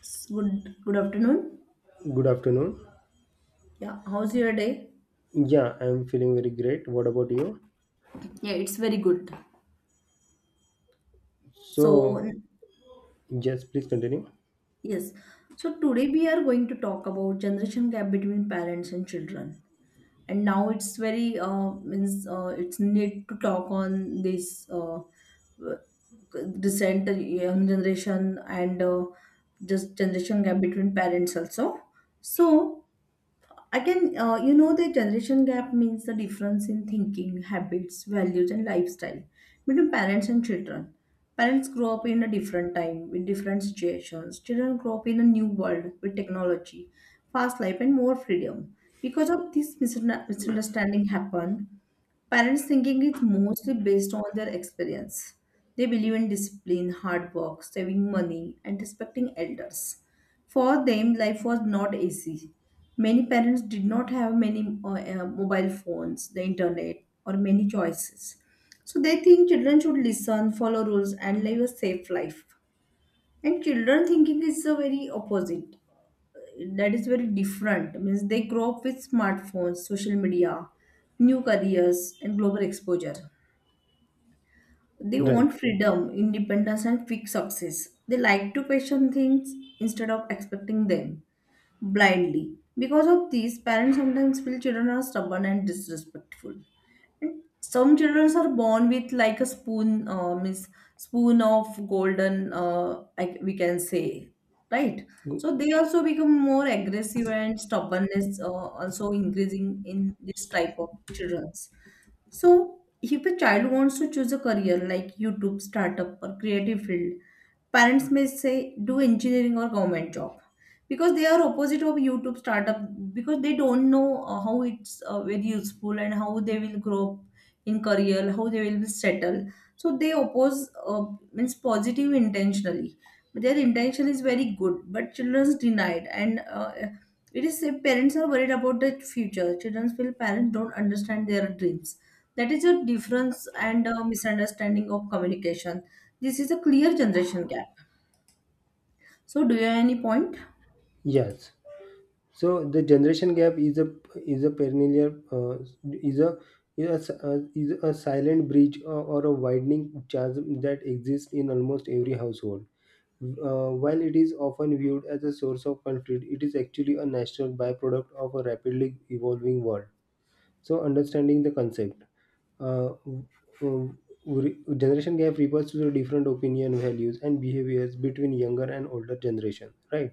Good afternoon. Good afternoon. Yeah, how's your day? Yeah, I'm feeling very great. What about you? Yeah, it's very good. So So, n- yes, please continue. yes, so today we are going to talk about generation gap between parents and children. And now it's very means it's need to talk on this uh, recent young generation and just generation gap between parents also. So again, the generation gap means the difference in thinking, habits, values, and lifestyle between parents and children. Parents grow up in a different time with different situations. Children grow up in a new world with technology, fast life, and more freedom. Because of this misunderstanding happen, parents' thinking is mostly based on their experience. They believe in discipline, hard work, saving money, and respecting elders. For them, life was not easy. Many parents did not have many mobile phones, the internet, or many choices. So they think children should listen, follow rules, and live a safe life. And children thinking is the very opposite, that is very different, means they grow up with smartphones, social media, new careers, and global exposure. They Right. want freedom, independence, and quick success. They like to question things instead of expecting them blindly. Because of these, parents sometimes feel children are stubborn and disrespectful. And some children are born with like a spoon of golden, we can say, right? Go- So they also become more aggressive, and stubbornness also increasing in this type of childrens. So if a child wants to choose a career like YouTube startup or creative field, parents may say do engineering or government job, because they are opposite of YouTube startup, because they don't know how it's very useful and how they will grow up in career, how they will settle. So they oppose means positive intentionally. But their intention is very good, but children's denied and. It is if parents are worried about the future. Children feel parents don't understand their dreams. That is a difference and a misunderstanding of communication. This is a clear generation gap. So, do you have any point? Yes. So the generation gap is a perennial is a is a silent breach or a widening chasm that exists in almost every household. While it is often viewed as a source of conflict, it is actually a natural byproduct of a rapidly evolving world. So, understanding the concept. Uh, uh, Generation gap refers to the different opinion, values, and behaviors between younger and older generation, right?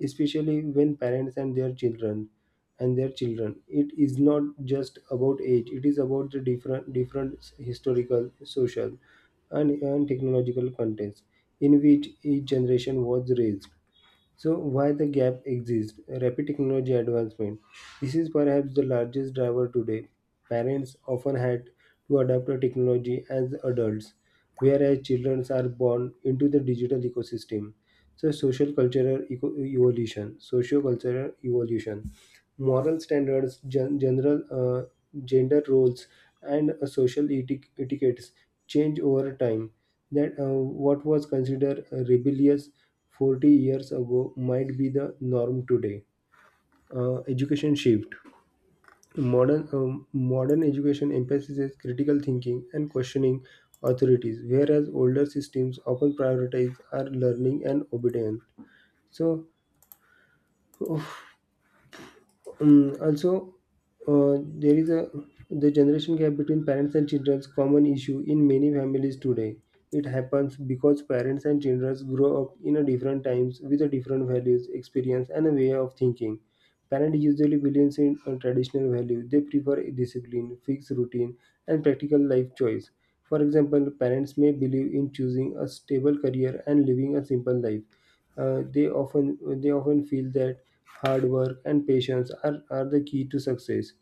Especially when parents and their children. It is not just about age; it is about the different historical, social, and technological context in which each generation was raised. So why the gap exists? Rapid technology advancement. This is perhaps the largest driver today. Parents often had to adapt to technology as adults, whereas children are born into the digital ecosystem. So social cultural eco- evolution, socio-cultural evolution, moral standards, general gender roles, and social etiquettes change over time. That What was considered rebellious 40 years ago might be the norm today. Education shift. Modern education emphasizes critical thinking and questioning authorities, whereas older systems often prioritize our learning and obedience. So Mm, also, there is a the generation gap between parents and children's common issue in many families today. It happens because parents and children grow up in a different times with a different values, experience, and a way of thinking. Parents usually believe in a traditional value. They prefer discipline, fixed routine, and practical life choice. For example, parents may believe in choosing a stable career and living a simple life. They often feel that hard work and patience are the key to success.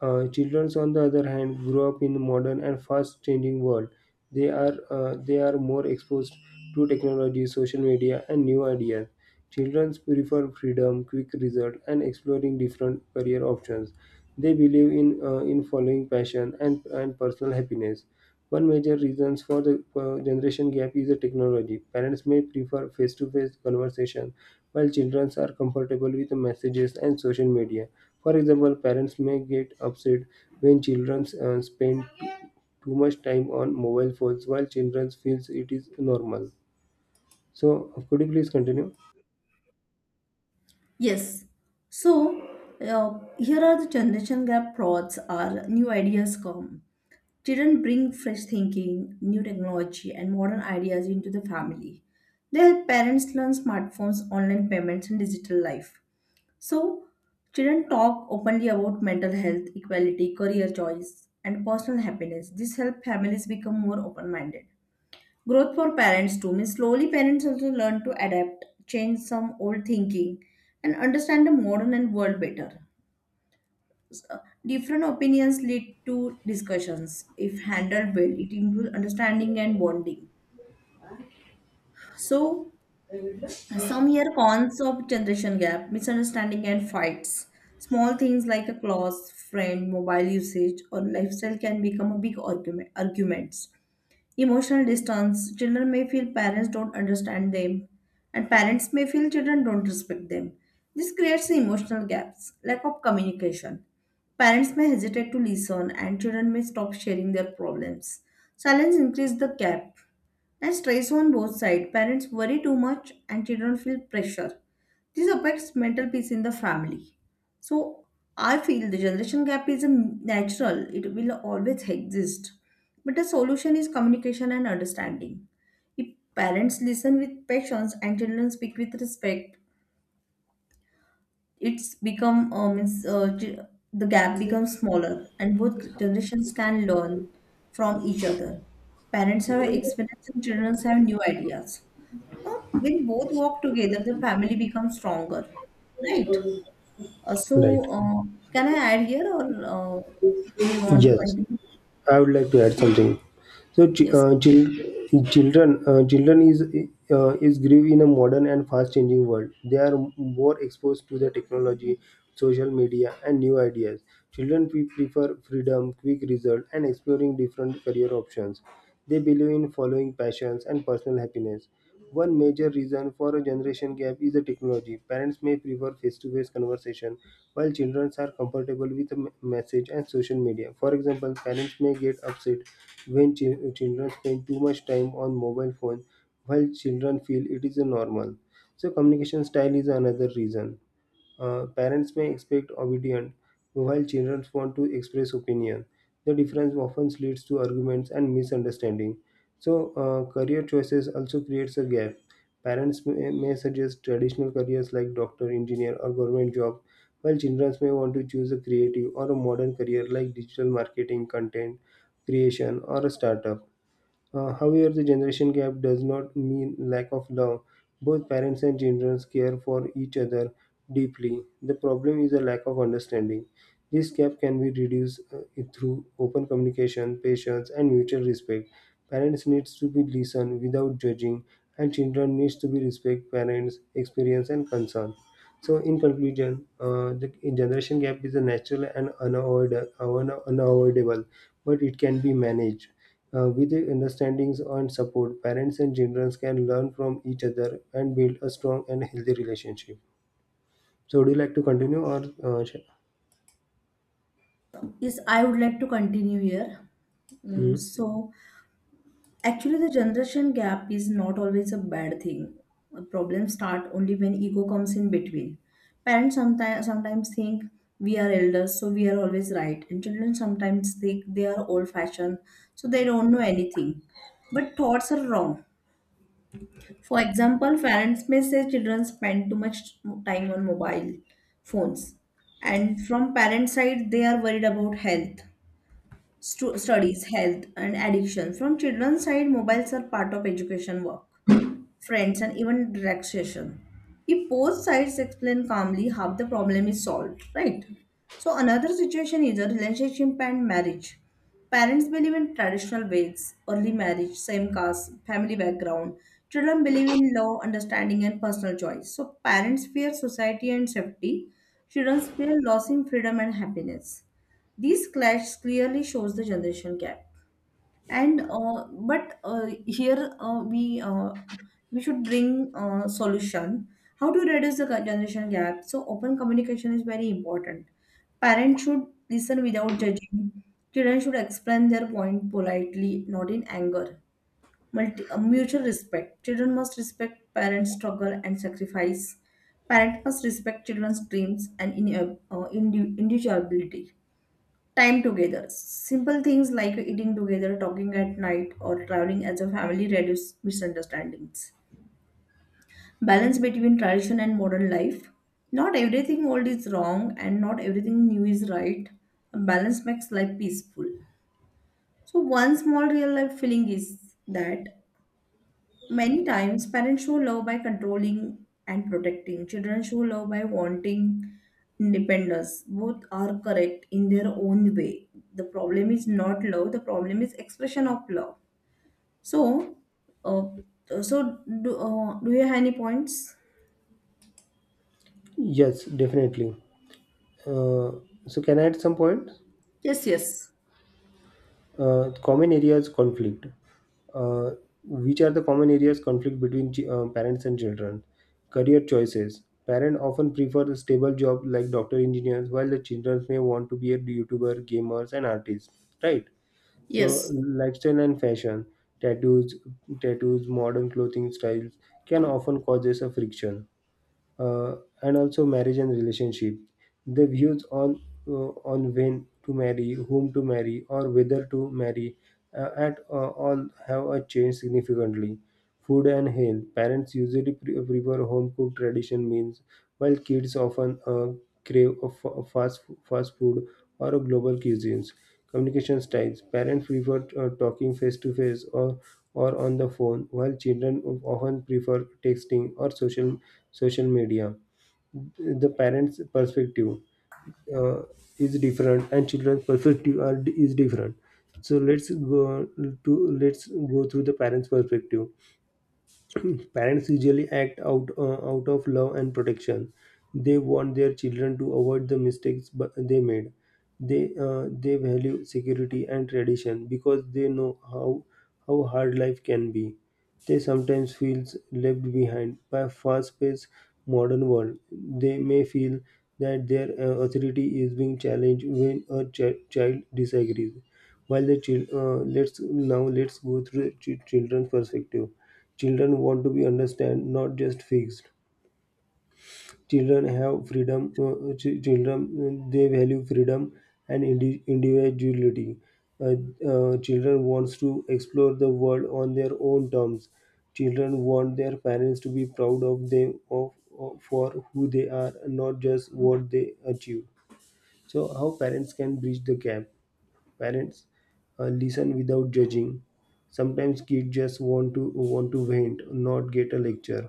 Children, on the other hand, grow up in a modern and fast-changing world. They are more exposed to technology, social media, and new ideas. Children prefer freedom, quick result, and exploring different career options. They believe in in following passion and personal happiness. One major reasons for the generation gap is the technology. Parents may prefer face-to-face conversation, while children are comfortable with messages and social media. For example, parents may get upset when children too much time on mobile phones, while children feels it is normal. So, could you please continue? Yes. So, here are the generation gap frauds are new ideas come. Children bring fresh thinking, new technology, and modern ideas into the family. Their parents learn smartphones, online payments, and digital life. So, children talk openly about mental health, equality, career choice, and personal happiness. This helps families become more open minded. Growth for parents too means slowly parents also learn to adapt, change some old thinking, and understand the modern and world better. Different opinions lead to discussions. If handled well, it improves understanding and bonding. So, some here cons of generation gap, misunderstanding and fights. Small things like a clause, friend, mobile usage, or lifestyle can become a big argument, arguments. Emotional distance, children may feel parents don't understand them, and parents may feel children don't respect them. This creates emotional gaps, lack of communication. Parents may hesitate to listen, and children may stop sharing their problems. Silence increases the gap. And stress on both sides. Parents worry too much and children feel pressure. This affects mental peace in the family. So I feel the generation gap is a natural, it will always exist. But the solution is communication and understanding. If parents listen with patience and children speak with respect, it's become means g- the gap becomes smaller and both generations can learn from each other. Parents have experience and children have new ideas. Uh, when both work together, the family becomes stronger, right? Right. Can I add here, or do you want to Yes. continue? I would like to add something. So, Yes, children, children is grieve in a modern and fast-changing world. They are more exposed to the technology, social media, and new ideas. Children prefer freedom, quick result, and exploring different career options. They believe in following passions and personal happiness. One major reason for a generation gap is the technology. Parents may prefer face to face conversation, while children are comfortable with message and social media. For example, parents may get upset when children spend too much time on mobile phone, while children feel it is a normal. So, communication style is another reason. Parents may expect obedience, while children want to express opinion. The difference often leads to arguments and misunderstanding. So, career choices also creates a gap. Parents may suggest traditional careers like doctor, engineer, or government job, while children may want to choose a creative or a modern career like digital marketing, content creation, or a startup. However, the generation gap does not mean lack of love. Both parents and children care for each other deeply. The problem is a lack of understanding. This gap can be reduced through open communication, patience, and mutual respect. Parents needs to be listened without judging, and children needs to be respect parents' experience and concern. So, in conclusion, the generation gap is a natural and unavoidable, but it can be managed. With the understandings and support, parents and children can learn from each other and build a strong and healthy relationship. So, would you like to continue or? Yes, I would like to continue here. Mm, Mhm. so, actually, the generation gap is not always a bad thing. Problems start only when ego comes in between. Parents sometimes think we are elders, so we are always right, and children sometimes think they are old-fashioned, so they don't know anything. But thoughts are wrong. For example, parents may say children spend too much time on mobile phones, and from parent side, they are worried about health, studies, health, and addiction. From children's side, mobiles are part of education, work, friends, and even relaxation. If both sides explain calmly how the problem is solved, right? So another situation is a relationship and marriage. Parents believe in traditional ways, early marriage, same caste, family background. Children believe in love, understanding, and personal choice. So parents fear society and safety. Children fear losing freedom and happiness. These clash clearly shows the generation gap. And but here we We should bring solution. How to reduce the generation gap? So open communication is very important. Parents should listen without judging. Children should explain their point politely, not in anger. Mutual respect. Children must respect parents' struggle and sacrifice. Parents must respect children's dreams and individuality. Time together. Simple things like eating together, talking at night, or traveling as a family reduce misunderstandings. Balance between tradition and modern life. Not everything old is wrong and not everything new is right. A balance makes life peaceful. So, one small real life feeling is that many times, parents show love by controlling and protecting. Children show love by wanting independence. Both are correct in their own way. The problem is not love. The problem is expression of love. So, uh, so, do you have any points? Yes, definitely. Uh, so, can I add some point? Yes, yes. Common areas conflict. Uh, which are the common areas conflict between parents and children? Career choices. Parents often prefer a stable job like doctor, engineers, while the children may want to be a YouTuber, gamers, and artists. Right. So Yes. lifestyle and fashion, tattoos, tattoos, modern clothing styles can often causes a friction, uh, and also marriage and relationship. The views uh, on when to marry, whom to marry, or whether to marry at all have changed significantly. Food and health. Parents usually prefer home cooked tradition meals, while kids often crave a fast food or a global cuisines. Communication styles. Parents prefer talking face to face or on the phone, while children often prefer texting or social media. The parents' perspective uh, is different, and children's perspective is different. So let's go through the parents' perspective. Parents usually act out out of love and protection. They want their children to avoid the mistakes they made. They value security and tradition because they know how hard life can be. They sometimes feel left behind by a fast-paced modern world. They may feel that their authority is being challenged when a child disagrees, let's now let's go through the children's perspective. Children want to be understand, not just fixed. Children have freedom. Ch- children They value freedom and individuality. Uh, Children wants to explore the world on their own terms. Children want their parents to be proud of them of for who they are, not just what they achieve. So how parents can bridge the gap? Parents listen without judging. Sometimes kids just want to vent, not get a lecture.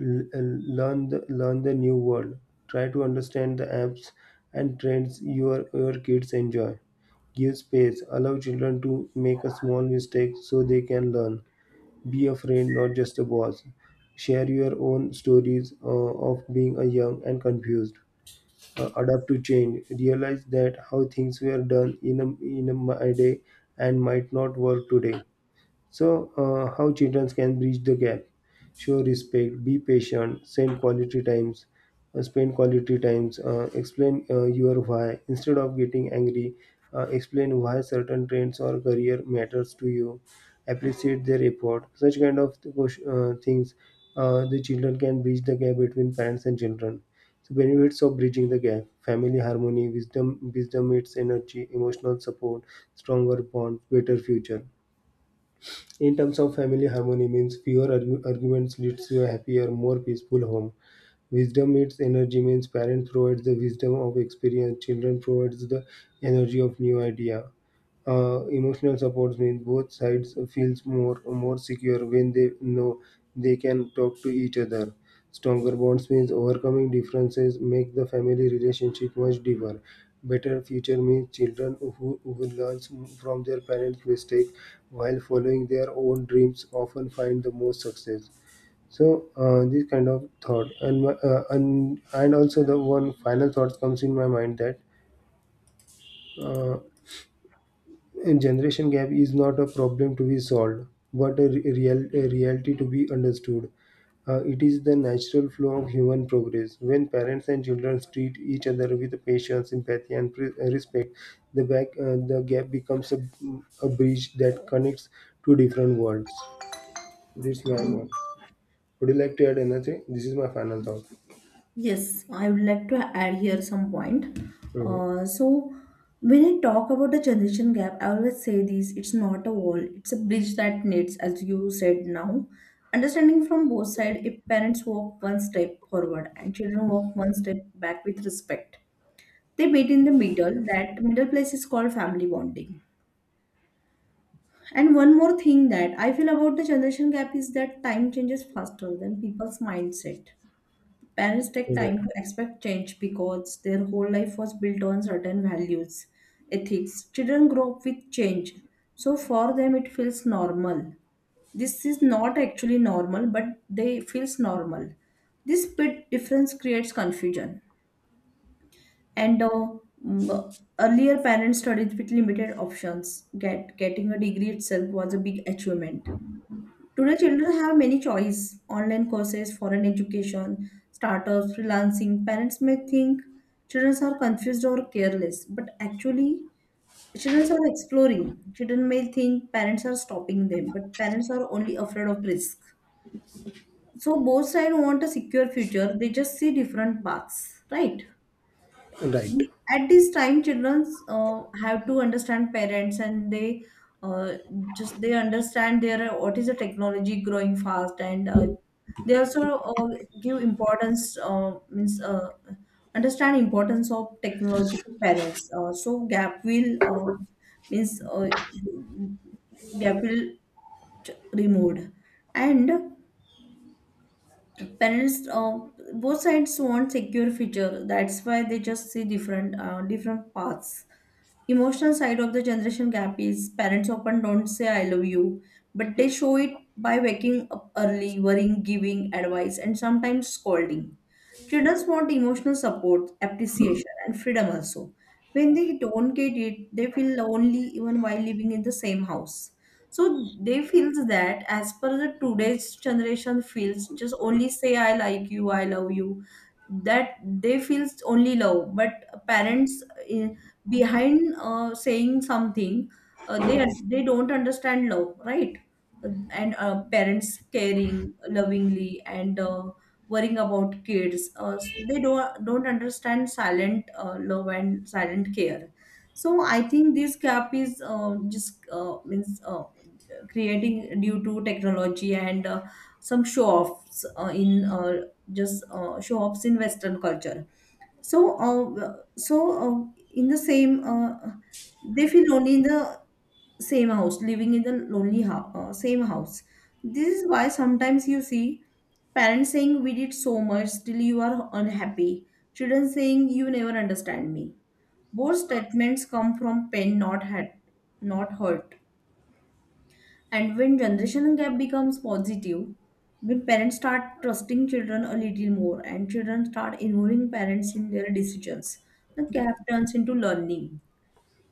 L- uh, Learn the new world. Try to understand the apps and trends your kids enjoy. Give space. Allow children to make a small mistake so they can learn. Be a friend, not just a boss. Share your own stories of being a young and confused. Adapt to change, realize that how things were done in my day and might not work today. So, how children can bridge the gap? Show respect, be patient, spend quality times, explain your why. Instead of getting angry, explain why certain trends or career matters to you. Appreciate their effort. Such kind of things, the children can bridge the gap between parents and children. So benefits of bridging the gap: family harmony, wisdom, wisdom meets energy, emotional support, stronger bonds, better future. In terms of family harmony means fewer arguments leads to a happier, more peaceful home. Wisdom meets energy means parents provides the wisdom of experience, children provides the energy of new idea. Emotional supports mean both sides feels more secure when they know they can talk to each other. Stronger bonds means overcoming differences make the family relationship much deeper. Better future means children who learn from their parents' mistake while following their own dreams often find the most success. So this kind of thought and also the one final thought comes in my mind that. Uh, and Generation gap is not a problem to be solved, but a reality to be understood. It is the natural flow of human progress. When parents and children treat each other with patience, empathy, and respect, the gap becomes a bridge that connects two different worlds. This is my one. Would you like to add anything? This is my final thought. Yes, I would like to add here some point. Hmm. So when I talk about the generation gap, I always say this, it's not a wall, it's a bridge that knits, as you said now. Understanding from both sides, if parents walk one step forward and children walk one step back with respect, they meet in the middle. That middle place is called family bonding. And one more thing that I feel about the generation gap is that time changes faster than people's mindset. Parents take Right. time to expect change because their whole life was built on certain values, ethics. Children grow up with change, so for them it feels normal. This is not actually normal, but they feels normal. This bit difference creates confusion. And uh, Earlier, parents studied with limited options. Getting a degree itself was a big achievement. Today, children have many choice: online courses, foreign education, startups, freelancing. Parents may think children are confused or careless, but actually, children are exploring. Children may think parents are stopping them, but parents are only afraid of risk. So both sides want a secure future. They just see different paths, right? Right. At this time children have to understand parents and uh, they understand their what is the technology growing fast and they also uh, give importance means understand importance of technology to parents, so means uh, gap will removed, and parents both sides want secure future, that's why they just see different paths. Emotional side of the generation gap is parents often don't say I love you, but they show it by waking up early, worrying, giving advice, and sometimes scolding. Children want emotional support, appreciation, and freedom also. When they don't get it, they feel lonely even while living in the same house. So they feel that as per the today's generation feels, just only say I like you, I love you. That they feels only love, but parents in, behind saying something, they don't understand love, right? And parents caring lovingly and worrying about kids, they don't understand silent love and silent care. So I think this gap is just means creating due to technology and some show offs in just show offs in western culture. So, in the same, they feel lonely in the same house, living in the lonely house, same house. This is why sometimes you see parents saying, "We did so much, still you are unhappy." Children saying, "You never understand me." Both statements come from pain, not hurt. And when generation gap becomes positive, when parents start trusting children a little more and children start involving parents in their decisions, the gap turns into learning.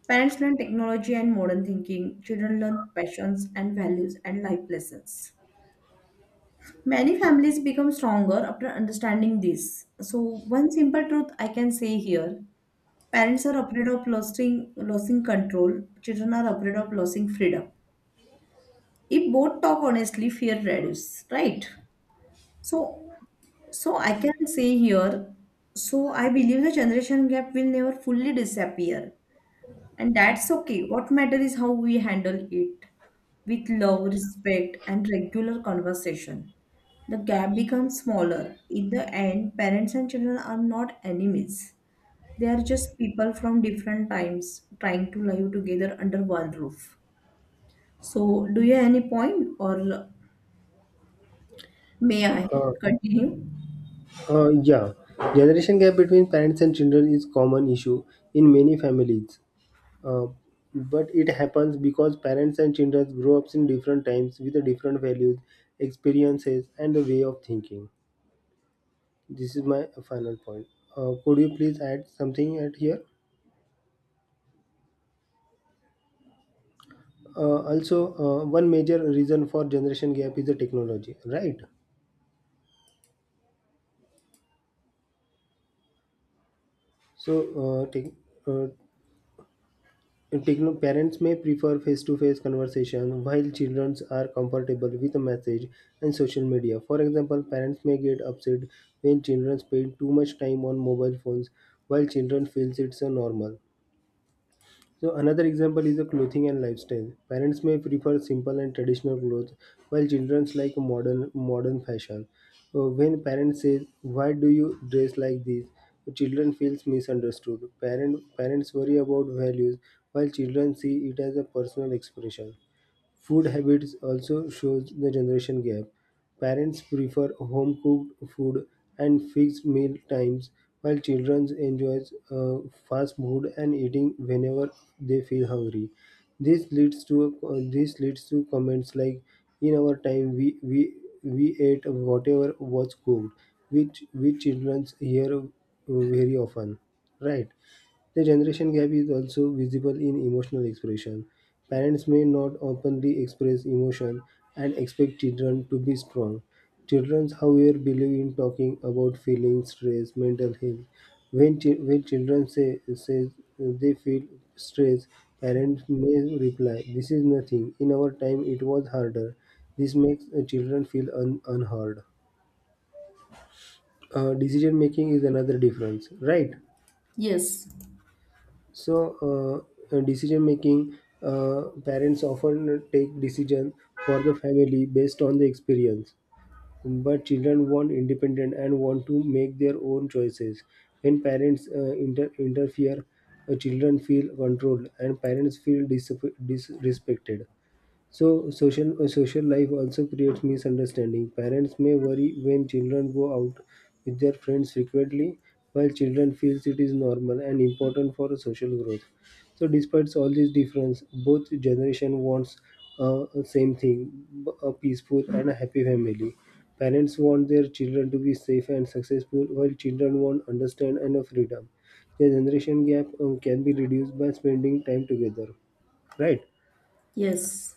Parents learn technology and modern thinking, children learn passions and values and life lessons. Many families become stronger after understanding this. So, one simple truth I can say here, parents are afraid of losing control, children are afraid of losing freedom. If both talk honestly, fear reduces, right? So, so, I can say here, so I believe the generation gap will never fully disappear, and that's okay. What matters is how we handle it with love, respect, and regular conversation. The gap becomes smaller. In the end, parents and children are not enemies. They are just people from different times trying to live together under one roof. So, do you have any point, or may I Uh, continue? Uh, yeah, Generation gap between parents and children is common issue in many families. Uh, but it happens because parents and children grow up in different times with the different values, experiences, and the way of thinking. This is my final point. Could you please add something at here? Also, one major reason for generation gap is the technology, right? So, uh, parents may prefer face-to-face conversation while children are comfortable with message and social media. For example, parents may get upset when children spend too much time on mobile phones while children feels it's a normal. So another example is the clothing and lifestyle. Parents may prefer simple and traditional clothes, while children like modern fashion. When parents say, "Why do you dress like this?" children feels misunderstood. Parents worry about values, while children see it as a personal expression. Food habits also shows the generation gap. Parents prefer home cooked food and fixed meal times, while children enjoy uh, fast food and eating whenever they feel hungry. This leads to comments like, "In our time, we ate whatever was cooked," which children hear very often, right? The generation gap is also visible in emotional expression. Parents may not openly express emotion and expect children to be strong. Children, however, believe in talking about feelings, stress, mental health. When children say they feel stress, parents may reply, "This is nothing. In our time, it was harder." This makes children feel unheard. Decision making is another difference, right? Yes, Decision making, parents often take decisions for the family based on the experience. But children want independent and want to make their own choices. When parents interfere, children feel controlled and parents feel disrespected. So social life also creates misunderstanding. Parents may worry when children go out with their friends frequently, while children feels it is normal and important for social growth. So despite all these difference, both generation wants same thing: a peaceful and a happy family. Parents want their children to be safe and successful, while children want understand and a freedom. The generation gap can be reduced by spending time together, right? yes.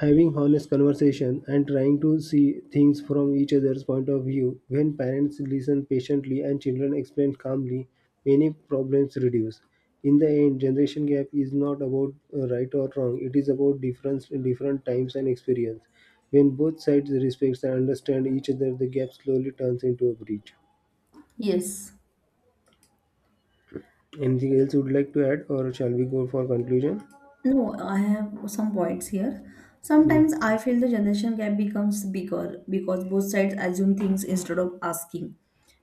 Having honest conversation and trying to see things from each other's point of view. When parents listen patiently and children explain calmly, many problems reduce. In the end, generation gap is not about right or wrong. It is about difference different times and experience. When both sides respect and understand each other, the gap slowly turns into a bridge. Yes. Anything else you would like to add, or shall we go for conclusion? No, I have some points here. Hmm. Sometimes I feel the generation gap becomes bigger because both sides assume things instead of asking.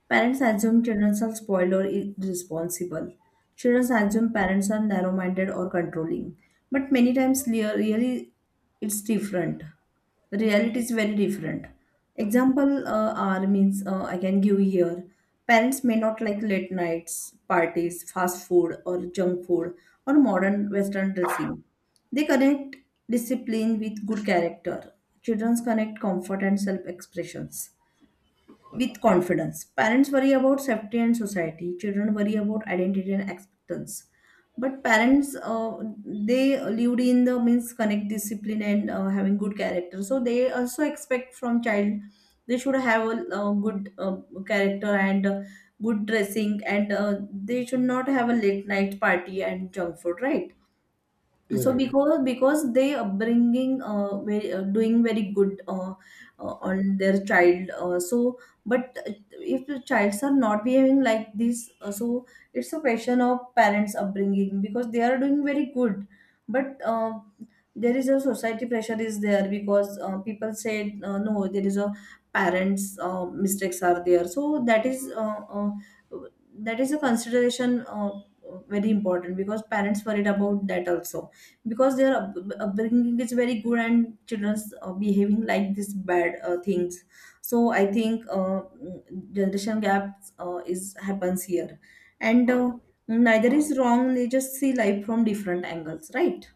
Parents assume children are spoiled or irresponsible. Children assume parents are narrow minded or controlling. But many times, really, it's different. The reality is very different. Example are means I can give here. Parents may not like late nights, parties, fast food, or junk food, or modern Western dressing. They connect discipline with good character. Children connect comfort and self expressions with confidence. Parents worry about safety and society. Children worry about identity and acceptance. But parents, they lived in the means connect discipline and having good character. So they also expect from child they should have a, good character and good dressing, and they should not have a late night party and junk food, right? So Right. because they upbringing very, doing very good on their child, so. But if the childs are not behaving like this, so it's a question of parents upbringing because they are doing very good. But there is a society pressure is there, because people said, no there is a parents mistakes are there, so that is, that is a consideration very important, because parents worried about that also, because their upbringing is very good and children's behaving like this bad things. So I think generation gaps is happens here. And neither is wrong, they just see life from different angles, right?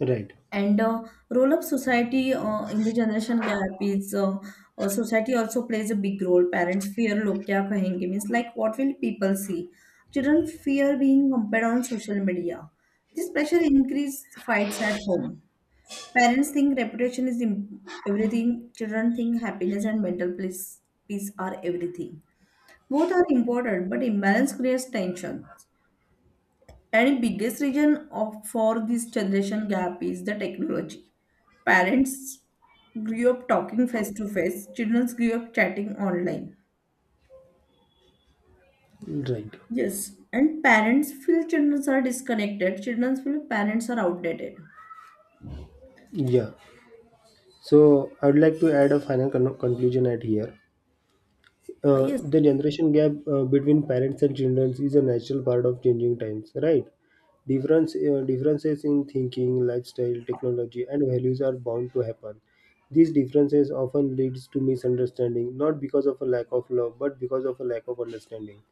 Right. And roll-up society in the generation gap is, society also plays a big role. Parents fear log kya kahenge, means like what will people see? Children fear being compared on social media. This pressure increases fights at home. Parents think reputation is everything. Children think happiness and mental peace are everything. Both are important, but imbalance creates tension. And the biggest reason for this generation gap is the technology. Parents grew up talking face to face, children grew up chatting online. Right. Yes, and parents feel children are disconnected, children feel parents are outdated. Yeah. So I would like to add a final conclusion at here. Yes, The generation gap between parents and children is a natural part of changing times, right? Difference, differences in thinking, lifestyle, technology, and values are bound to happen. These differences often leads to misunderstanding, not because of a lack of love, but because of a lack of understanding.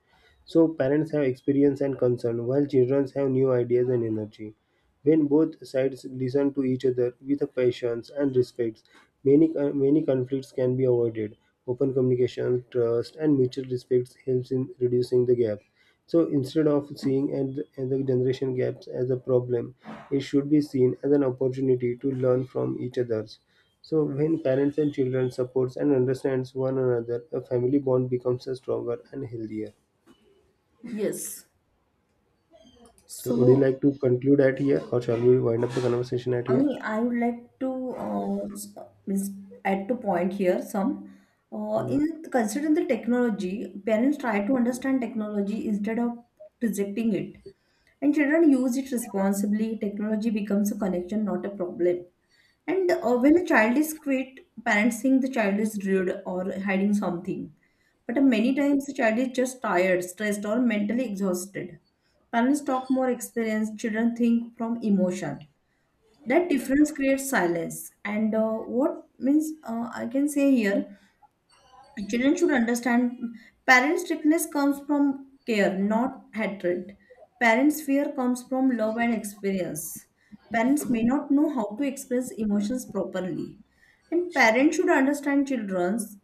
So parents have experience and concern, while children have new ideas and energy. When both sides listen to each other with patience and respect, many conflicts can be avoided. Open communication, trust, and mutual respect helps in reducing the gap. So instead of seeing and the generation gaps as a problem, it should be seen as an opportunity to learn from each other's. So when parents and children supports and understands one another, a family bond becomes stronger and healthier. yes. So So, would you like to conclude at here, or shall we wind up the conversation at here? only I would like to means add to point here some. In considering the technology, parents try to understand technology instead of rejecting it. And children use it responsibly. Technology becomes a connection, not a problem. And when a child is quit, parents think the child is rude or hiding something. But many times the child is just tired, stressed, or mentally exhausted. Parents talk more experience. Children think from emotion. That difference creates silence. And what means, I can say here, children should understand parent strictness comes from care, not hatred. Parents fear comes from love and experience. Parents may not know how to express emotions properly. And parents should understand children's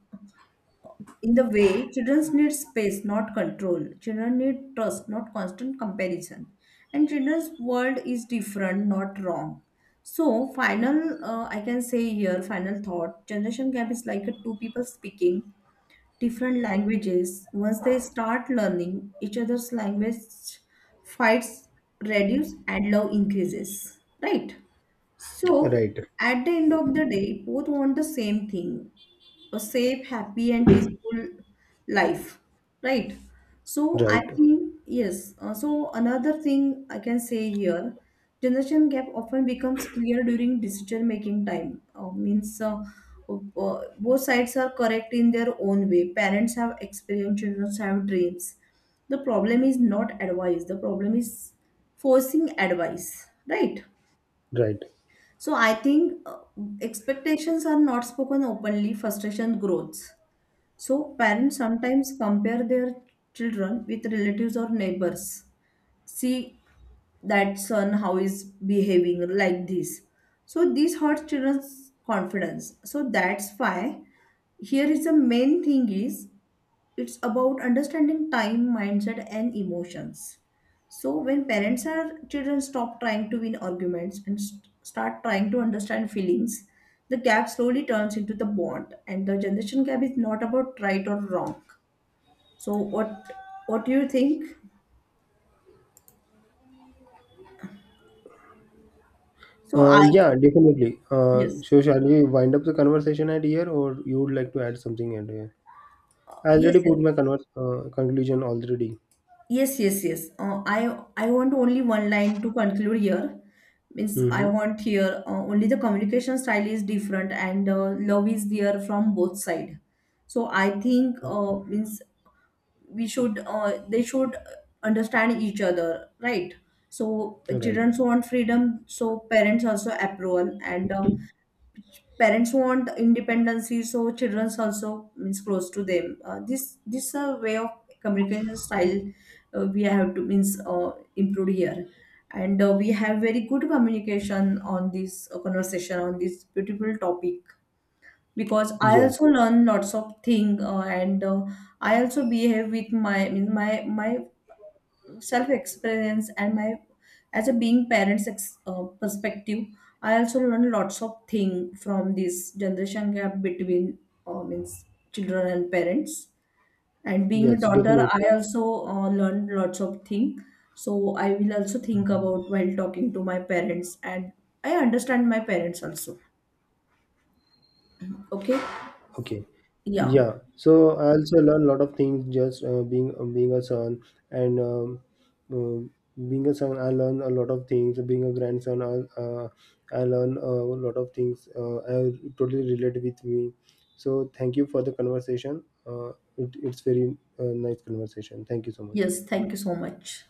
in the way. Children need space, not control. Children need trust, not constant comparison. And children's world is different, not wrong. So, final, I can say here, final thought, generation gap is like a two people speaking different languages. Once they start learning each other's language, fights reduce and love increases. Right? So, Right. at the end of the day, both want the same thing, a safe, happy, and peaceful life, right? So, I Right, think, yes. So, another thing I can say here, generation gap often becomes clear during decision making time. Means, both sides are correct in their own way. Parents have experience, children have dreams. The problem is not advice, the problem is forcing advice, right? right. So I think expectations are not spoken openly, frustration grows. So parents sometimes compare their children with relatives or neighbors. See that son how is behaving like this. So this hurts children's confidence. So that's why, here is the main thing is, it's about understanding time mindset and emotions. So when parents or children stop trying to win arguments and start trying to understand feelings, the gap slowly turns into the bond. And the generation gap is not about right or wrong. So what do you think, so I. Yeah, definitely. Yes, So shall we wind up the conversation at here, or you would like to add something at here? I yes, already put yes. my conclusion already. Yes, yes, yes. I want only one line to conclude here. Means I Mm-hmm. want here only the communication style is different and love is there from both side. So I think means we should they should understand each other, right? So Right. children want freedom, so parents also approval. And parents want independency, so childrens also means close to them, this a way of communication style. We have to means improve here. And we have very good communication on this, conversation on this beautiful topic, because I Yes. also learn lots of thing, and I also behave with my self experience and my as a being parents perspective. I also learned lots of thing from this generation gap between, means, children and parents. And being a Yes. daughter Definitely. I also learned lots of thing. So I will also think about while talking to my parents, and I understand my parents also. Okay. Okay. Yeah. Yeah. So I also learn a lot of things just being a son and uh, being a son. I learn a lot of things. Being a grandson, I learned a lot of things. I totally relate with me. So thank you for the conversation. It's very nice conversation. Thank you so much. Yes, thank you so much.